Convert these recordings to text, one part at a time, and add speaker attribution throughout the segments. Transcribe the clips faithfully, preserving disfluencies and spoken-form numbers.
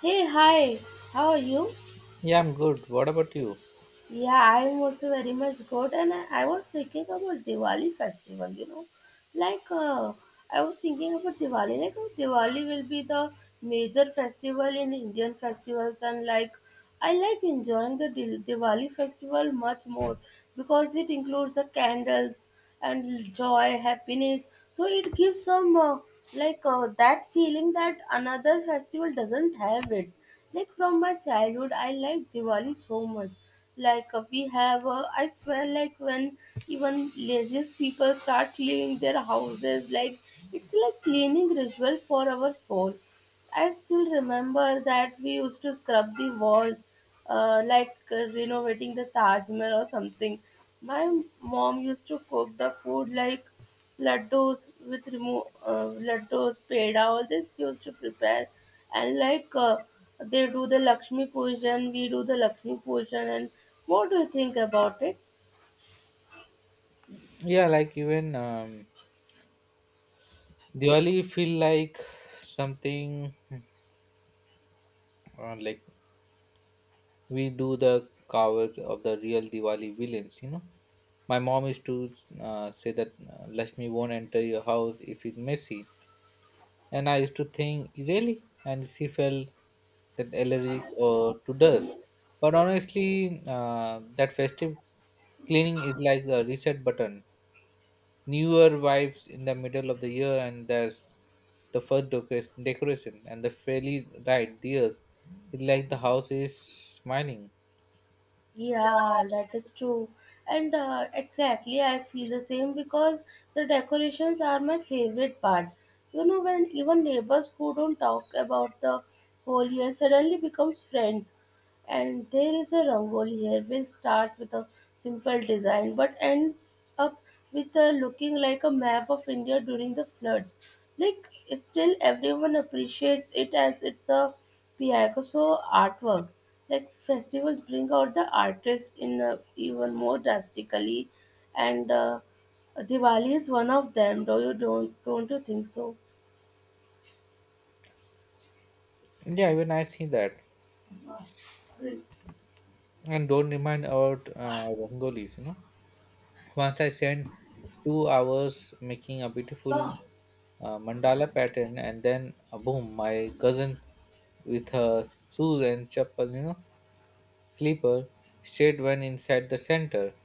Speaker 1: Hey, hi, how are you?
Speaker 2: Yeah, I'm good. What about you?
Speaker 1: Yeah, I'm also very much good, and I, I was thinking about Diwali festival, you know. Like, uh, I was thinking about Diwali, like, how Diwali will be the major festival in Indian festivals, and like, I like enjoying the Dil- Diwali festival much more because it includes the candles and joy, happiness. So it gives some uh, like uh, that feeling that another festival doesn't have it. Like from my childhood, I like Diwali so much. Like uh, we have, uh, I swear, like when even laziest people start cleaning their houses, like it's like cleaning ritual for our soul. I still remember that we used to scrub the walls, uh, like uh, renovating the Taj Mahal or something. My mom used to cook the food like laddus with remo- uh, laddus, peda, all this she used to prepare, and like uh, they do the Lakshmi Pujan, we do the Lakshmi Pujan, and what do you think about it?
Speaker 2: Yeah, like even um, Diwali feel like something uh, like we do the covers of the real Diwali villains. You know, my mom used to uh, say that uh, Lakshmi won't enter your house if it's messy, and I used to think really, and she felt that allergic or to dust. But honestly, uh, that festive cleaning is like a reset button. Newer vibes in the middle of the year, and there's the first decoration, decoration and the fairly right dears. It's like the house is smiling.
Speaker 1: Yeah, that is true. And uh, exactly, I feel the same because the decorations are my favorite part. You know, when even neighbors who don't talk about the whole year suddenly becomes friends. And there is a rangoli here which starts with a simple design but ends up with a looking like a map of India during the floods. Like still everyone appreciates it as it's a Picasso artwork. Like festivals bring out the artist in uh, even more drastically, and uh, Diwali is one of them. Do you don't don't you think so?
Speaker 2: Yeah, even I see that. And don't remind about uh, Rangolis, you know. Once I spent two hours making a beautiful uh, mandala pattern, and then uh, boom, my cousin with her shoes and chappal, you know, sleeper stayed one inside the center,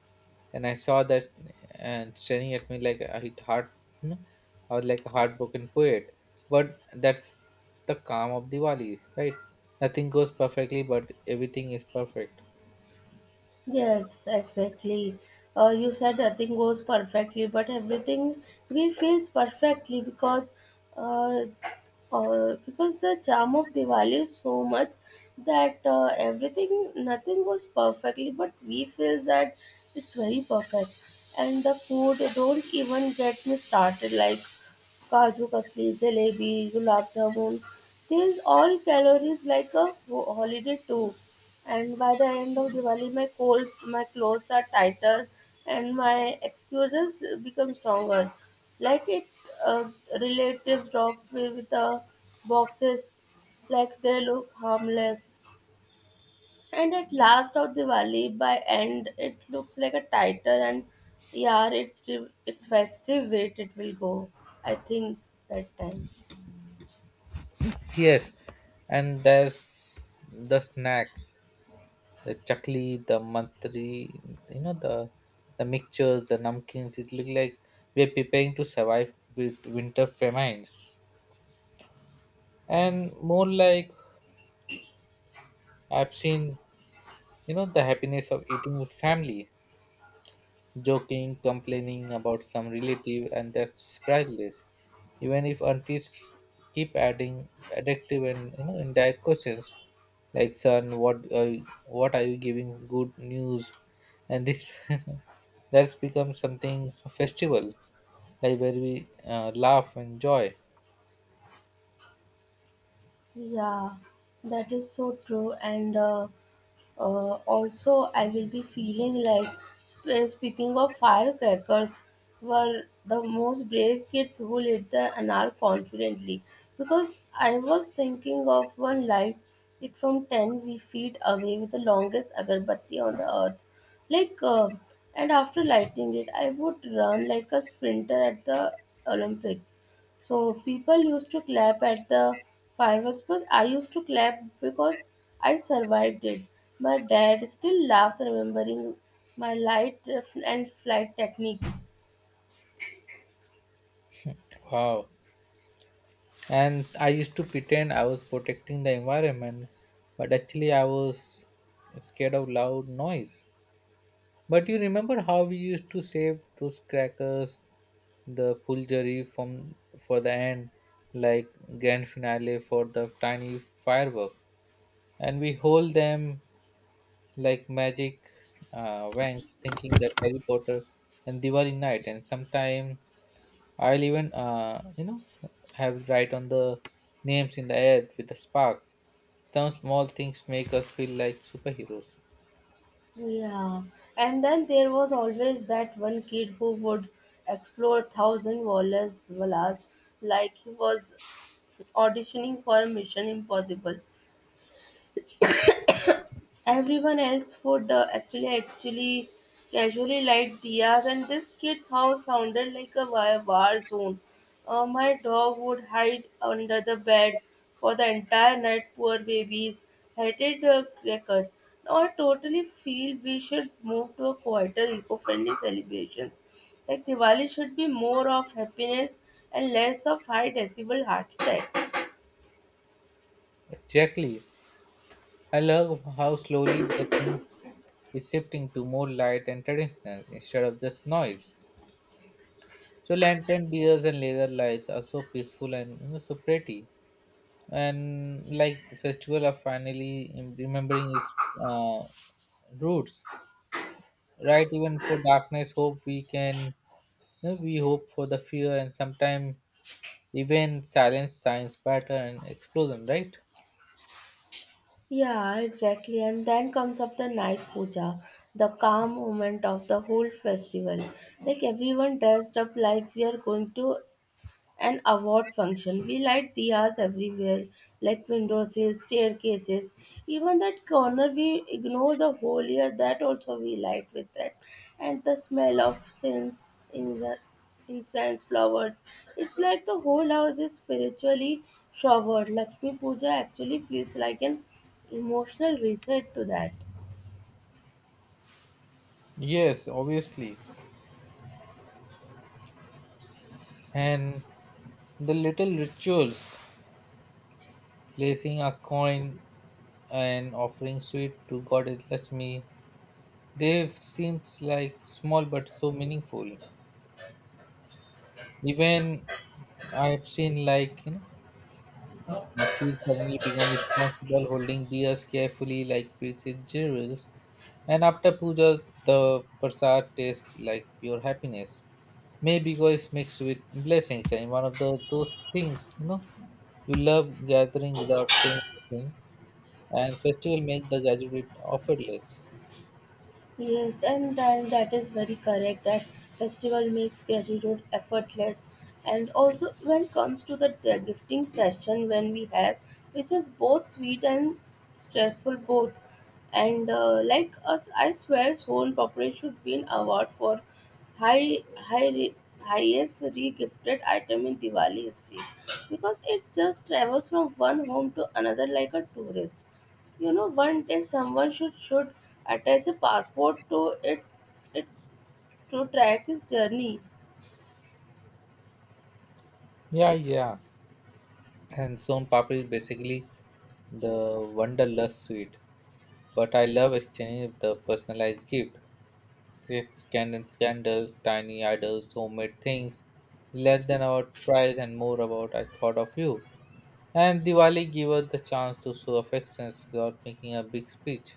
Speaker 2: and I saw that and staring at me like a hit heart. You know, I was like a heartbroken poet. But that's the calm of Diwali, right? Nothing goes perfectly, but everything is perfect.
Speaker 1: Yes, exactly. Uh, you said nothing goes perfectly, but everything we feels perfectly because, uh, uh, because the charm of Diwali is so much that uh, everything nothing goes perfectly, but we feel that it's very perfect. And the food don't even get me started. Like Kaju kasli, jalebi, gulab jamun. These all calories like a ho- holiday too. And by the end of Diwali, my colds, my clothes are tighter, and my excuses become stronger. Like it, uh, Relatives drop me with the boxes, like they look harmless, and at last of the valley, by end, it looks like a tighter and yeah, it's div- it's festive weight. It will go. I think that time.
Speaker 2: Yes, and there's the snacks, the chakli, the mantri, you know, the the mixtures, the namkins. It look like we are preparing to survive with winter famines, and more like I've seen, you know, the happiness of eating with family, joking, complaining about some relative, and that's priceless. Even if aunties keep adding addictive and you know indirect questions like son what are you, what are you giving good news and this that's become something festival like where we uh, laugh and joy.
Speaker 1: Yeah, that is so true. And uh, Uh, also, I will be feeling like sp- speaking of firecrackers were the most brave kids who lit the anar confidently because I was thinking of one light it from ten we feet away with the longest agarbatti on the earth like uh, and after lighting it I would run like a sprinter at the Olympics so people used to clap at the fireworks, but I used to clap because I survived it. My dad still laughs remembering my light and flight technique.
Speaker 2: Wow, and I used to pretend I was protecting the environment but actually I was scared of loud noise, but you remember how we used to save those crackers, the fulgari from, for the end, like grand finale for the tiny firework, and we hold them like magic uh, wanks thinking that Harry Potter and Diwali night and sometimes. I'll even, uh, you know, have write on the names in the air with a spark. Some small things make us feel like superheroes.
Speaker 1: Yeah, and then there was always that one kid who would explode thousand dollars, dollars like he was auditioning for a Mission Impossible. Everyone else would uh, actually actually casually light diyas, and this kid's house sounded like a wa- war zone. Uh, my dog would hide under the bed for the entire night. Poor babies hated uh, crackers. Now I totally feel we should move to a quieter, eco-friendly celebration. Like Diwali should be more of happiness and less of high decibel heart attacks.
Speaker 2: Exactly. I love how slowly the things is shifting to more light and traditional instead of just noise. So lantern beers and laser lights are so peaceful and you know so pretty. And like the festival of finally em- remembering its uh, roots. Right, even for darkness, hope we can. You know, we hope for the fear and sometimes even silence science pattern and explosion, right?
Speaker 1: Yeah, exactly. And then comes up the night puja, the calm moment of the whole festival. Like everyone dressed up like we are going to and award function. We light diyas everywhere, like windowsills, staircases, even that corner we ignore the whole year. That also we light with that, and the smell of scents in the incense flowers. It's like the whole house is spiritually showered. Lakshmi Puja actually feels like an emotional reset to that.
Speaker 2: Yes, obviously. And the little rituals, placing a coin and offering sweet to goddess Lakshmi, they seems like small but so meaningful. Even I've seen like, you know, monkeys suddenly become responsible, holding deers carefully like prized jewels. And after puja, the prasad tastes like pure happiness. Maybe because mixed with blessings, and one of the those things, you know, you love gathering without saying anything, and festival make the graduate effortless.
Speaker 1: Yes, and then that is very correct that festival makes gratitude effortless. And also when it comes to the the gifting session when we have, which is both sweet and stressful both. And uh, like us, I swear, Soul Corporate should be an award for high, high, re- highest regifted item in Diwali history because it just travels from one home to another like a tourist. You know, one day someone should should attach a passport to it. It's to track his journey.
Speaker 2: Yeah, yeah, and son papri is basically the wonderlust sweet, but I love exchanging the personalized gift. Scandal, scandals, tiny idols, homemade things, less than about price and more about I thought of you. And Diwali gave us the chance to show affections without making a big speech.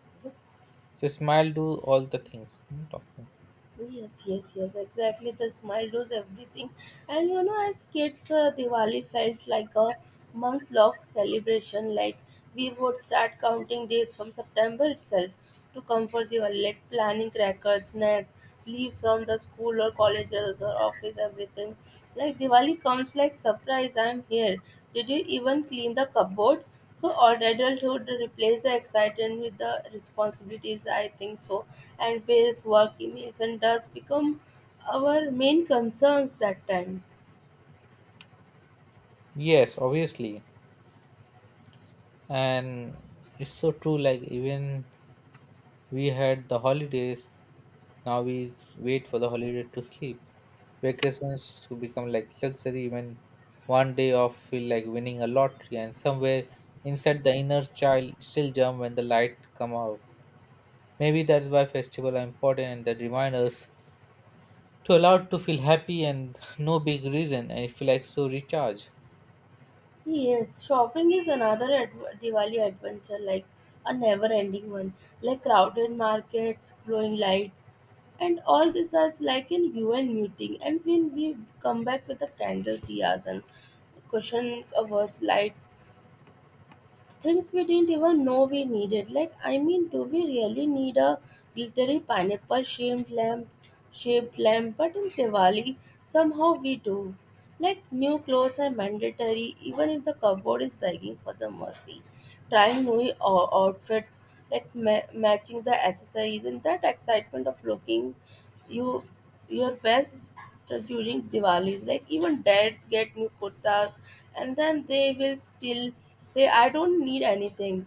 Speaker 2: So smile do all the things. Hmm, talking.
Speaker 1: Yes, yes, yes, exactly. The smile does everything. And you know, as kids, uh, Diwali felt like a month long celebration. Like, we would start counting days from September itself to come for Diwali, like planning crackers, snacks, leaves from the school or colleges or office, everything. Like, Diwali comes like surprise, I'm here. Did you even clean the cupboard? So odd adulthood replaces the excitement with the responsibilities, I think so, and bills, work emails, and does become our main concerns that time.
Speaker 2: Yes, obviously. And it's so true, like even we had the holidays. Now we s- wait for the holiday to sleep. Vacations to become like luxury. Even one day off feel like winning a lottery. And somewhere inside the inner child still jump when the light come out. Maybe that's why festivals are important and they remind us to allow to feel happy and no big reason and it feel like so recharge.
Speaker 1: Yes, shopping is another adv- Diwali adventure, like a never-ending one, like crowded markets, glowing lights, and all this is like in U N meeting. And when we come back with the candle diyas and cushion covers lights, things we didn't even know we needed. Like, I mean, do we really need a glittery pineapple shaped lamp, shaped lamp? But in Diwali, somehow we do. Like, new clothes are mandatory, even if the cupboard is begging for the mercy. Trying new o- outfits, like ma- matching the accessories, and that excitement of looking you your best during Diwali's. Like even dads get new kurtas, and then they will still say, "I don't need anything.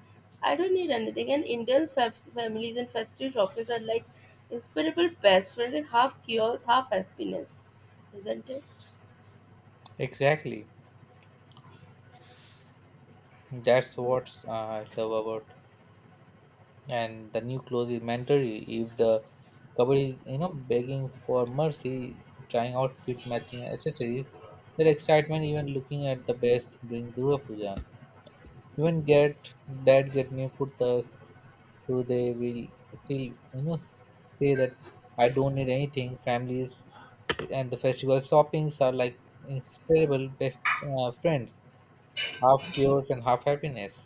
Speaker 1: I don't need anything." And Indian fam- families and festive shoppers are like inseparable best friends and half chaos, half happiness, isn't it?
Speaker 2: Exactly. That's what I love about, and the new clothes is mandatory if the couple is you know begging for mercy, trying outfit matching accessories, their excitement even looking at the best during Durga Puja. Even get, dad get new kurtas, who they will still, you know, say that I don't need anything, families and the festival shoppings are like inseparable best uh, friends, half chaos and half happiness.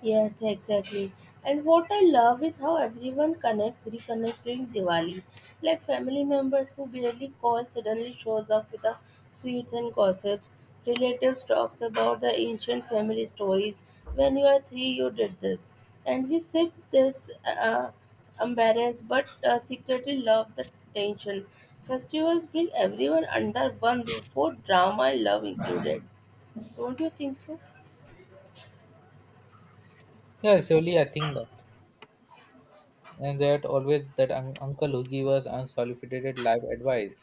Speaker 1: Yes, exactly. And what I love is how everyone connects, reconnects during Diwali. Like family members who barely call suddenly shows up with the sweets and gossips. Relatives talks about the ancient family stories. When you are three, you did this, and we sit this uh, embarrassed but uh, secretly love the tension. Festivals bring everyone under one roof, both drama and love included. Don't you think so?
Speaker 2: Yeah, surely I think that. And that always that un- uncle who gave us unsolicited life advice,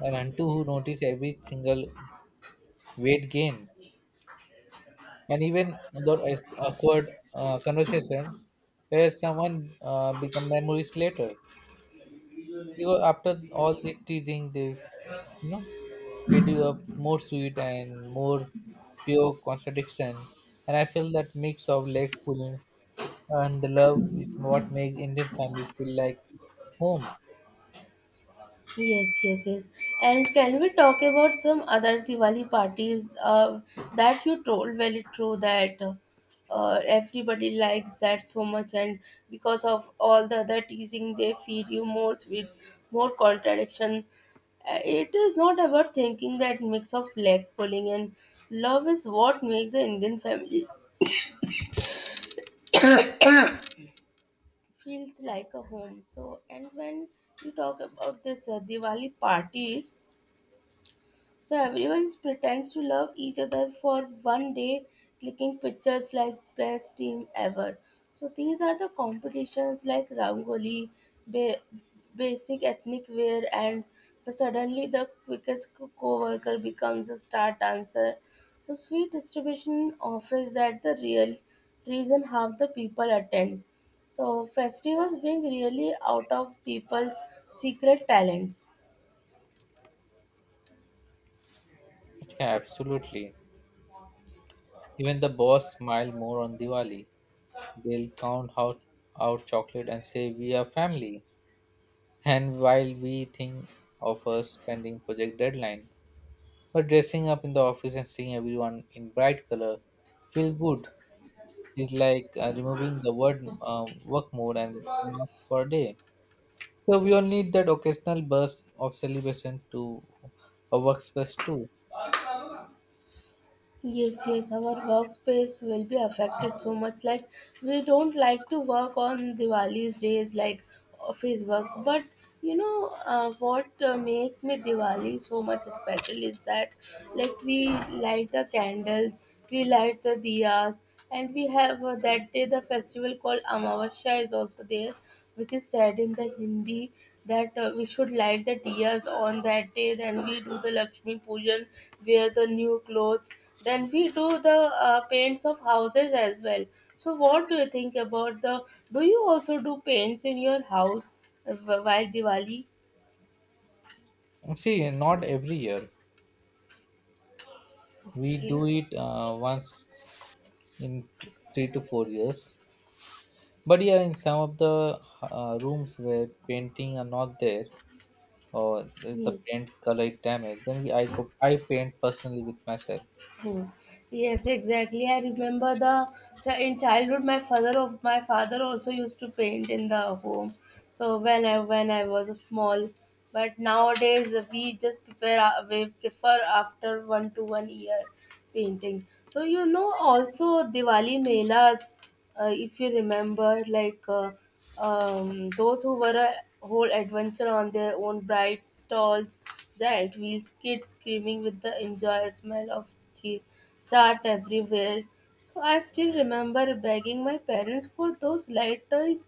Speaker 2: and auntie who noticed every single weight gain, and even the awkward uh, conversations where someone uh, become memories later. Because after all the teasing, they, you know, made you a more sweet and more pure contradiction. And I feel that mix of leg pulling and the love is what makes Indian families feel like home.
Speaker 1: Yes, yes, yes. And can we talk about some other Diwali parties uh, that you told very true that uh, everybody likes that so much, and because of all the other teasing, they feed you more sweets, more contradiction. Uh, It is not about thinking that mix of leg pulling and love is what makes the Indian family feels like a home. So, and when you talk about this uh, Diwali parties, so everyone pretends to love each other for one day, clicking pictures like best team ever. So these are the competitions like Rangoli, ba- basic ethnic wear, and the suddenly the quickest co-worker becomes a star dancer. So sweet distribution offers that the real reason how the people attend. So festivals bring really out of people's secret talents.
Speaker 2: Yeah, absolutely. Even the boss smile more on Diwali. They'll count out, out chocolate and say we are family. And while we think of a spending project deadline, but dressing up in the office and seeing everyone in bright color feels good. It's like uh, removing the word uh, work mode and marks for a day. So we all need that occasional burst of celebration to a workspace too.
Speaker 1: Yes, yes, our workspace will be affected so much. Like, we don't like to work on Diwali's days, like office works. But you know, uh, what uh, makes me Diwali so much special is that, like, we light the candles, we light the diyas, and we have uh, that day the festival called Amavasya is also there, which is said in the Hindi that uh, we should light the diyas on that day. Then we do the Lakshmi Pujan, wear the new clothes. Then we do the uh, paints of houses as well. So what do you think about the? Do you also do paints in your house uh, while Diwali?
Speaker 2: See, not every year. We do
Speaker 1: Yeah.
Speaker 2: it uh, once in th- three to four years, but yeah in some of the uh, rooms where painting are not there or the, the
Speaker 1: Yes.
Speaker 2: paint color is damaged, then we, I go I paint personally with myself.
Speaker 1: Hmm. Yes, exactly. I remember the so in childhood, my father of my father also used to paint in the home. So when I when I was a small, but nowadays we just prepare uh, we prefer after one to one year painting. So you know also Diwali melas uh, if you remember, like uh, um, those who were a whole adventure on their own, bright stalls, giant wheels, kids screaming with the enjoy, smell of cheap chart everywhere. So I still remember begging my parents for those light toys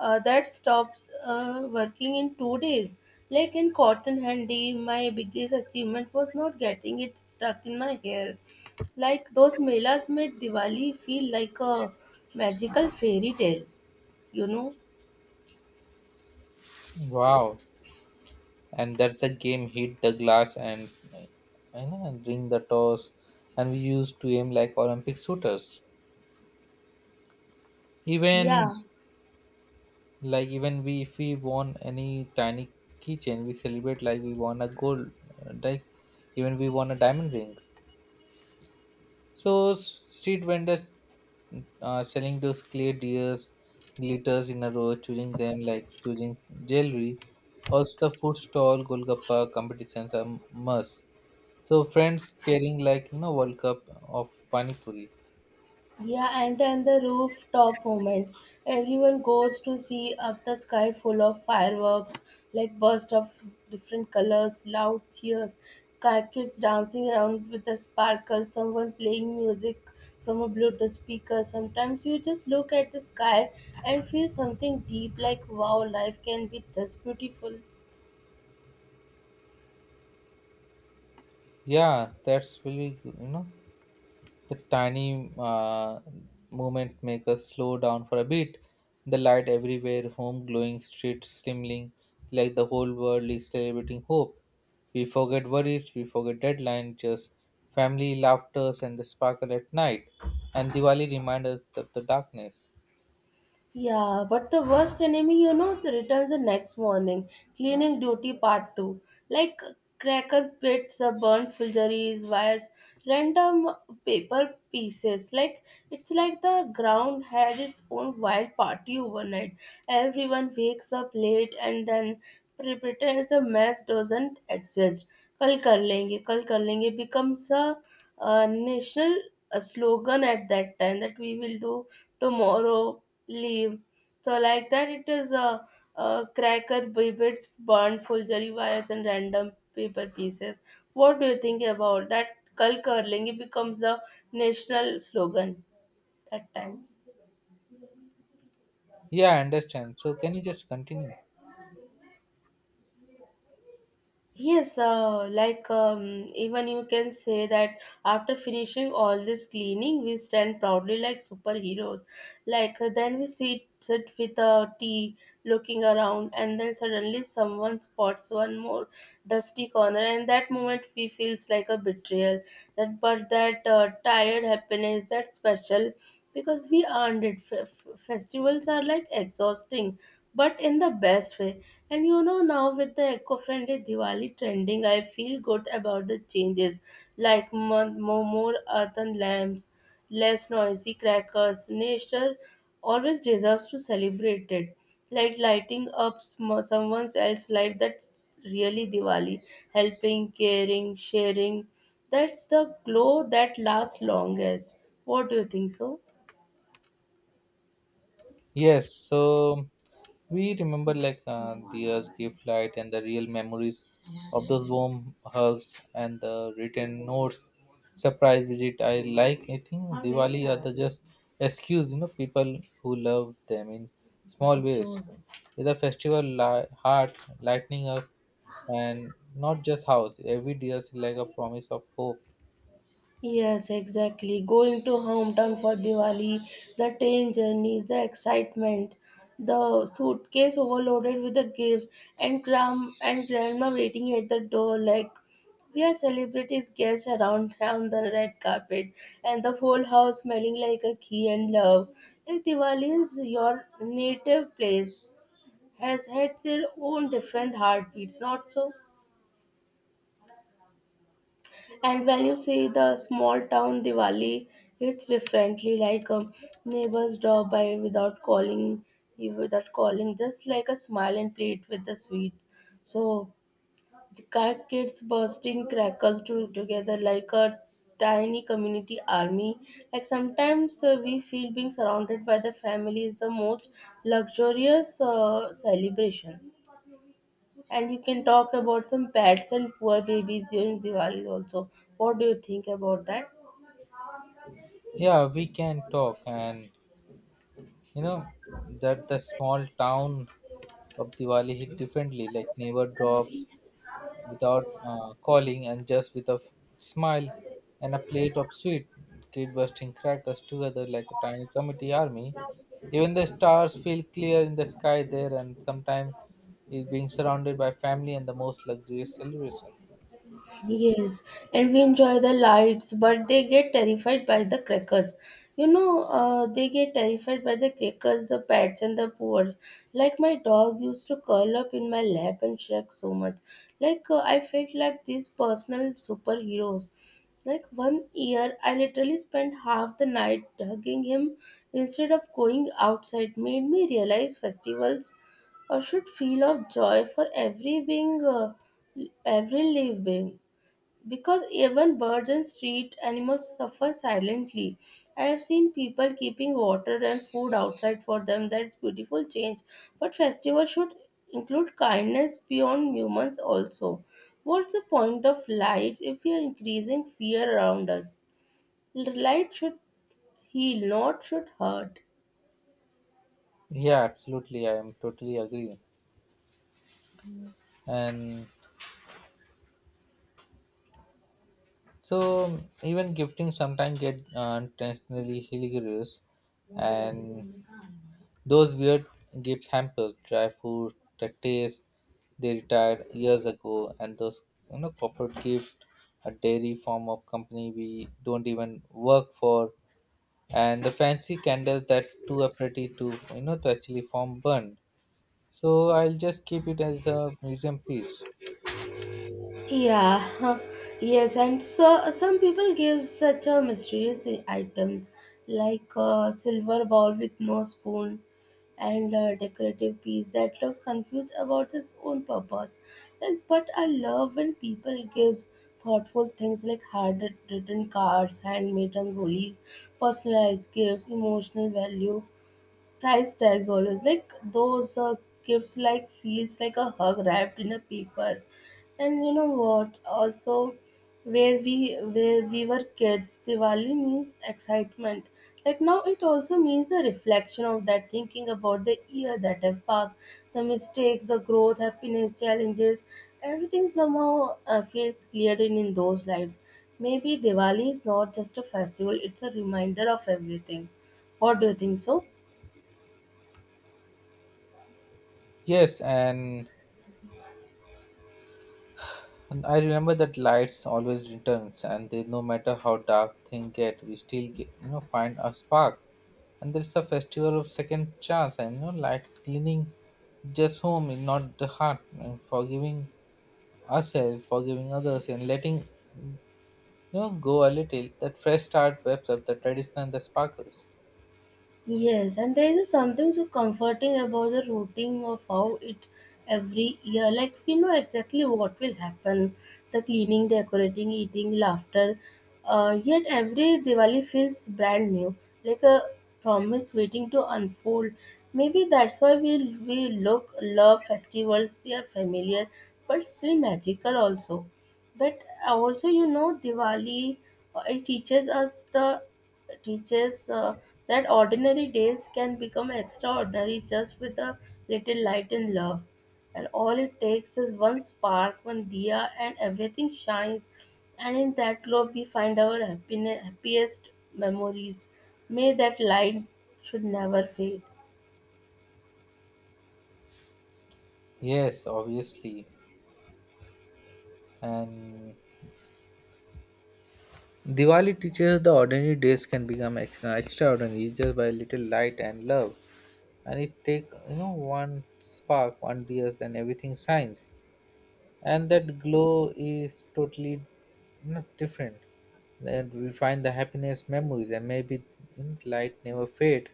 Speaker 1: uh, that stops uh, working in two days. Like in cotton handy, my biggest achievement was not getting it stuck in my hair. Like those melas made Diwali feel like a magical fairy tale, you know?
Speaker 2: Wow, and that's the game hit the glass and, uh, you know, and ring the toss, and we used to aim like Olympic shooters. Even
Speaker 1: Yeah,
Speaker 2: like even we, if we won any tiny keychain, we celebrate like we won a gold. uh, Like even we won a diamond ring. So s- street vendors uh, selling those clay deers, glitters in a row, choosing them like choosing jewelry. Also the food stall, golgappa competitions are must. So friends cheering like you know World Cup of Pani Puri.
Speaker 1: yeah, and then the rooftop moments. Everyone goes to see up the sky full of fireworks, like bursts of different colors, loud cheers, ki- kids dancing around with the sparkles, someone playing music from a Bluetooth speaker. Sometimes you just look at the sky and feel something deep, like wow, life can be this beautiful.
Speaker 2: Yeah, that's really, you know, the tiny uh, movement make us slow down for a bit. The light everywhere, home glowing, streets slimling, like the whole world is celebrating hope. We forget worries, we forget deadlines, just family laughters and the sparkle at night. And Diwali reminds us of the darkness.
Speaker 1: Yeah, but the worst enemy, you know, returns the next morning. Cleaning duty part two. Like cracker pits, the burnt fulgeries, wires, random paper pieces. Like it's like the ground had its own wild party overnight. Everyone wakes up late and then pre- pretends the mess doesn't exist. Kal kar lenge, kal kar lenge becomes a, uh national uh slogan at that time that we will do tomorrow leave. So like that, it is a, a cracker, bits, burned forgery wires, and random paper pieces. What do you think about that? Kal curling it becomes the national slogan that time.
Speaker 2: Yeah, I understand. So can you just continue?
Speaker 1: Yes, uh, like um, even you can say that after finishing all this cleaning, we stand proudly like superheroes. Like uh, then we sit sit with a tea, looking around, and then suddenly someone spots one more dusty corner, and that moment we feels like a betrayal. That but that uh, tired happiness, that special, because we earned it. F- f- festivals are like exhausting but in the best way. And you know, now with the eco friendly Diwali trending, I feel good about the changes like more, more earthen lamps, less noisy crackers. Nature always deserves to celebrate it. Like lighting up sm- someone else's life, that's really Diwali. Helping, caring, sharing. That's the glow that lasts longest. What do you think so?
Speaker 2: Yes, so we remember like uh, Diya's gift light and the real memories of those warm hugs and the written notes, surprise visit. I like, I think Diwali are the just excuse, you know, people who love them in small ways. It's a festival li- heart lightening up and not just house, every day is like a promise of hope.
Speaker 1: Yes, exactly. Going to hometown for Diwali, the train journey, the excitement, the suitcase overloaded with the gifts, and gram and grandma waiting at the door like we are celebrities guests around on the red carpet, and the whole house smelling like a key and love. Like Diwali is your native place has had their own different heartbeats, not so? And when you see the small town Diwali, it's differently like um, neighbors drop by without calling you without calling, just like a smile and plate with the sweets. So the crack kids bursting crackers to, together like a tiny community army. Like sometimes uh, we feel being surrounded by the family is the most luxurious uh, celebration. And you can talk about some pets and poor babies during Diwali also. What do you think about that?
Speaker 2: Yeah, we can talk and you know that the small town of Diwali hit differently, like neighbor drops without uh, calling and just with a f- smile and a plate of sweet, kid bursting crackers together like a tiny committee army. Even the stars feel clear in the sky there, and sometimes is being surrounded by family and the most luxurious celebration.
Speaker 1: Yes, and we enjoy the lights, but they get terrified by the crackers. You know, uh, they get terrified by the crackers, the pets, and the poors. Like my dog used to curl up in my lap and shake so much. Like uh, I felt like these personal superheroes. Like one year, I literally spent half the night hugging him instead of going outside. Made me realize festivals uh, should feel of joy for every being, uh, every living being. Because even birds and street animals suffer silently. I have seen people keeping water and food outside for them. That's beautiful change. But festivals should include kindness beyond humans also. What's the point of lights if we are increasing fear around us? Light should heal, not should hurt.
Speaker 2: Yeah, absolutely. I am totally agree. And so even gifting sometimes get uh, intentionally hilarious, and those weird Gibbs hampers, dry food, the taste, they retired years ago, and those you know corporate gift, a dairy form of company we don't even work for, and the fancy candles that too are pretty to you know to actually form burn. So I'll just keep it as a museum piece.
Speaker 1: Yeah, huh, yes, and so uh, some people give such a mysterious items like a silver bowl with no spoon and a decorative piece that looks confused about its own purpose. Like, but I love when people give thoughtful things like handwritten cards, handmade rangolis, personalized gifts, emotional value price tags always like those uh, gifts like feels like a hug wrapped in a paper. And you know what also, where we where we were kids, Diwali means excitement. Like now it also means a reflection of that, thinking about the year that have passed, the mistakes, the growth, happiness, challenges. Everything somehow uh, feels cleared in in those lives. Maybe Diwali is not just a festival, it's a reminder of everything. What do you think so?
Speaker 2: Yes, and And I remember that lights always returns, and they no matter how dark things get, we still get, you know, find a spark. And there's a festival of second chance, and you know light cleaning just home, and not the heart, and forgiving ourselves, forgiving others, and letting, you know, go a little. That fresh start webs up the tradition and the sparkles.
Speaker 1: Yes, and there is something so comforting about the routine of how it every year. Like we know exactly what will happen, the cleaning, decorating, eating, laughter. Uh, yet every Diwali feels brand new, like a promise waiting to unfold. Maybe that's why we we look love festivals. They are familiar, but still magical also. But uh, also, you know, Diwali uh, it teaches us the teaches uh, that ordinary days can become extraordinary just with a little light and love. And all it takes is one spark, one diya, and everything shines. And in that glow, we find our happiness, happiest memories. May that light should never fade.
Speaker 2: Yes, obviously, and. Diwali teaches the ordinary days can become ex- extraordinary just by little light and love. And it take, you know, one spark, one tears and everything shines, and that glow is totally not different, that we find the happiness memories and maybe, you know, light never fade.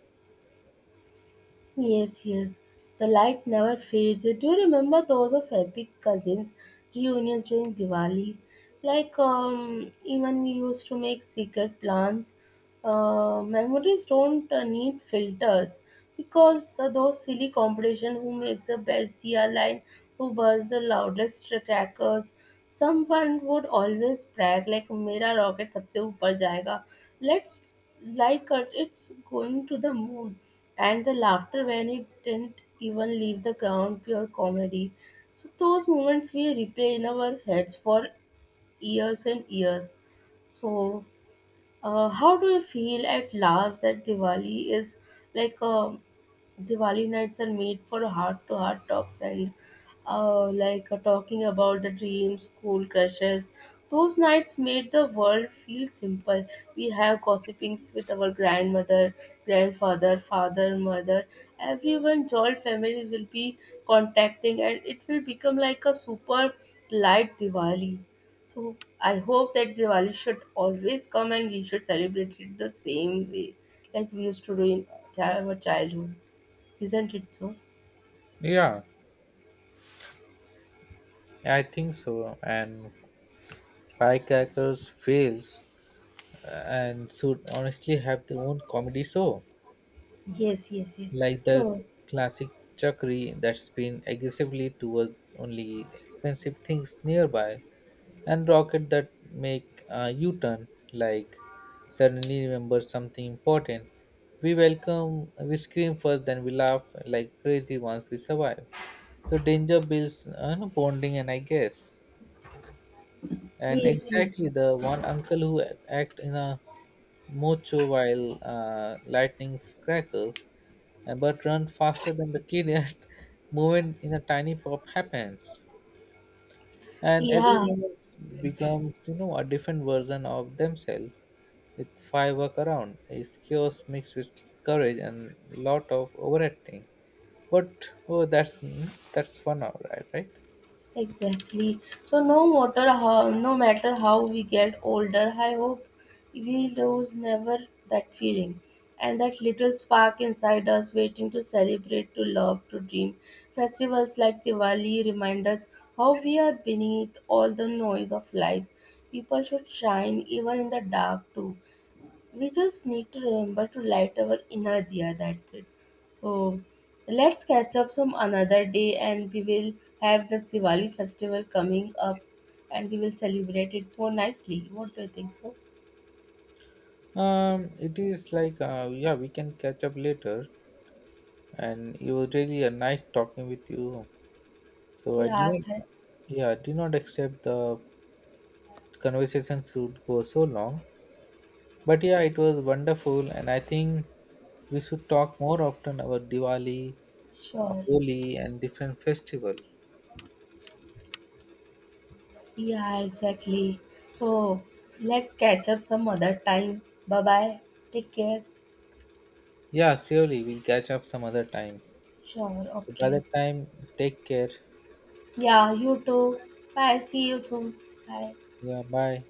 Speaker 1: Yes, yes. The light never fades. Do you remember those of epic cousins reunions during Diwali? Like um, even we used to make secret plans. Uh, memories don't uh, need filters because uh, those silly competition who makes the best diya line, who bursts the loudest crackers. Someone would always brag like मेरा rocket सबसे ऊपर जाएगा. Let's like it. It's going to the moon, and the laughter when it didn't even leave the ground, pure comedy. So those moments we replay in our heads for years and years. So uh, how do you feel at last that Diwali is like uh, Diwali nights are made for heart to heart talks and uh, like uh, talking about the dreams, school crushes. Those nights made the world feel simple. We have gossipings with our grandmother, grandfather, father, mother. Everyone, joint families will be contacting, and it will become like a super light Diwali. So I hope that Diwali should always come and we should celebrate it the same way like we used to do in chi- our childhood, isn't it so?
Speaker 2: Yeah, I think so, and firecrackers fails and should honestly have their own comedy show.
Speaker 1: Yes, yes, yes.
Speaker 2: Like the
Speaker 1: So
Speaker 2: classic chakri that spin aggressively towards only expensive things nearby, and rocket that make a U-turn like suddenly remember something important. We welcome, we scream first then we laugh like crazy once we survive. So danger builds, uh, no, bonding and I guess, and
Speaker 1: yes, yes,
Speaker 2: exactly the one uncle who act in a mocho while uh, lightning crackers, uh, but run faster than the kid at moment in a tiny pop happens, and
Speaker 1: yeah.
Speaker 2: everyone else becomes, you know, a different version of themselves. With firework around it's chaos mixed with courage and lot of overacting, but oh that's that's fun, all right, right.
Speaker 1: Exactly. So no matter how no matter how we get older, I hope we lose never that feeling, and that little spark inside us waiting to celebrate, to love, to dream. Festivals like Diwali remind us how we are beneath all the noise of life. People should shine even in the dark too. We just need to remember to light our inner diya. That's it. So let's catch up some another day, and we will have the Diwali festival coming up, and we will celebrate it more nicely. What do you think? So
Speaker 2: um it is like uh, Yeah, we can catch up later, and it was really a nice talking with you. So I do
Speaker 1: yeah, thank,
Speaker 2: not, yeah, I do not accept the conversation should go so long. But yeah, it was wonderful, and I think we should talk more often about Diwali, uh,
Speaker 1: sure.
Speaker 2: Holi, and different festival.
Speaker 1: Yeah, exactly. So let's catch up some other time. Bye bye. Take care.
Speaker 2: Yeah, surely we'll catch up some other time.
Speaker 1: Sure.
Speaker 2: By
Speaker 1: Okay.
Speaker 2: that time, take care.
Speaker 1: Yeah, you too. Bye. See you soon. Bye.
Speaker 2: Yeah, bye.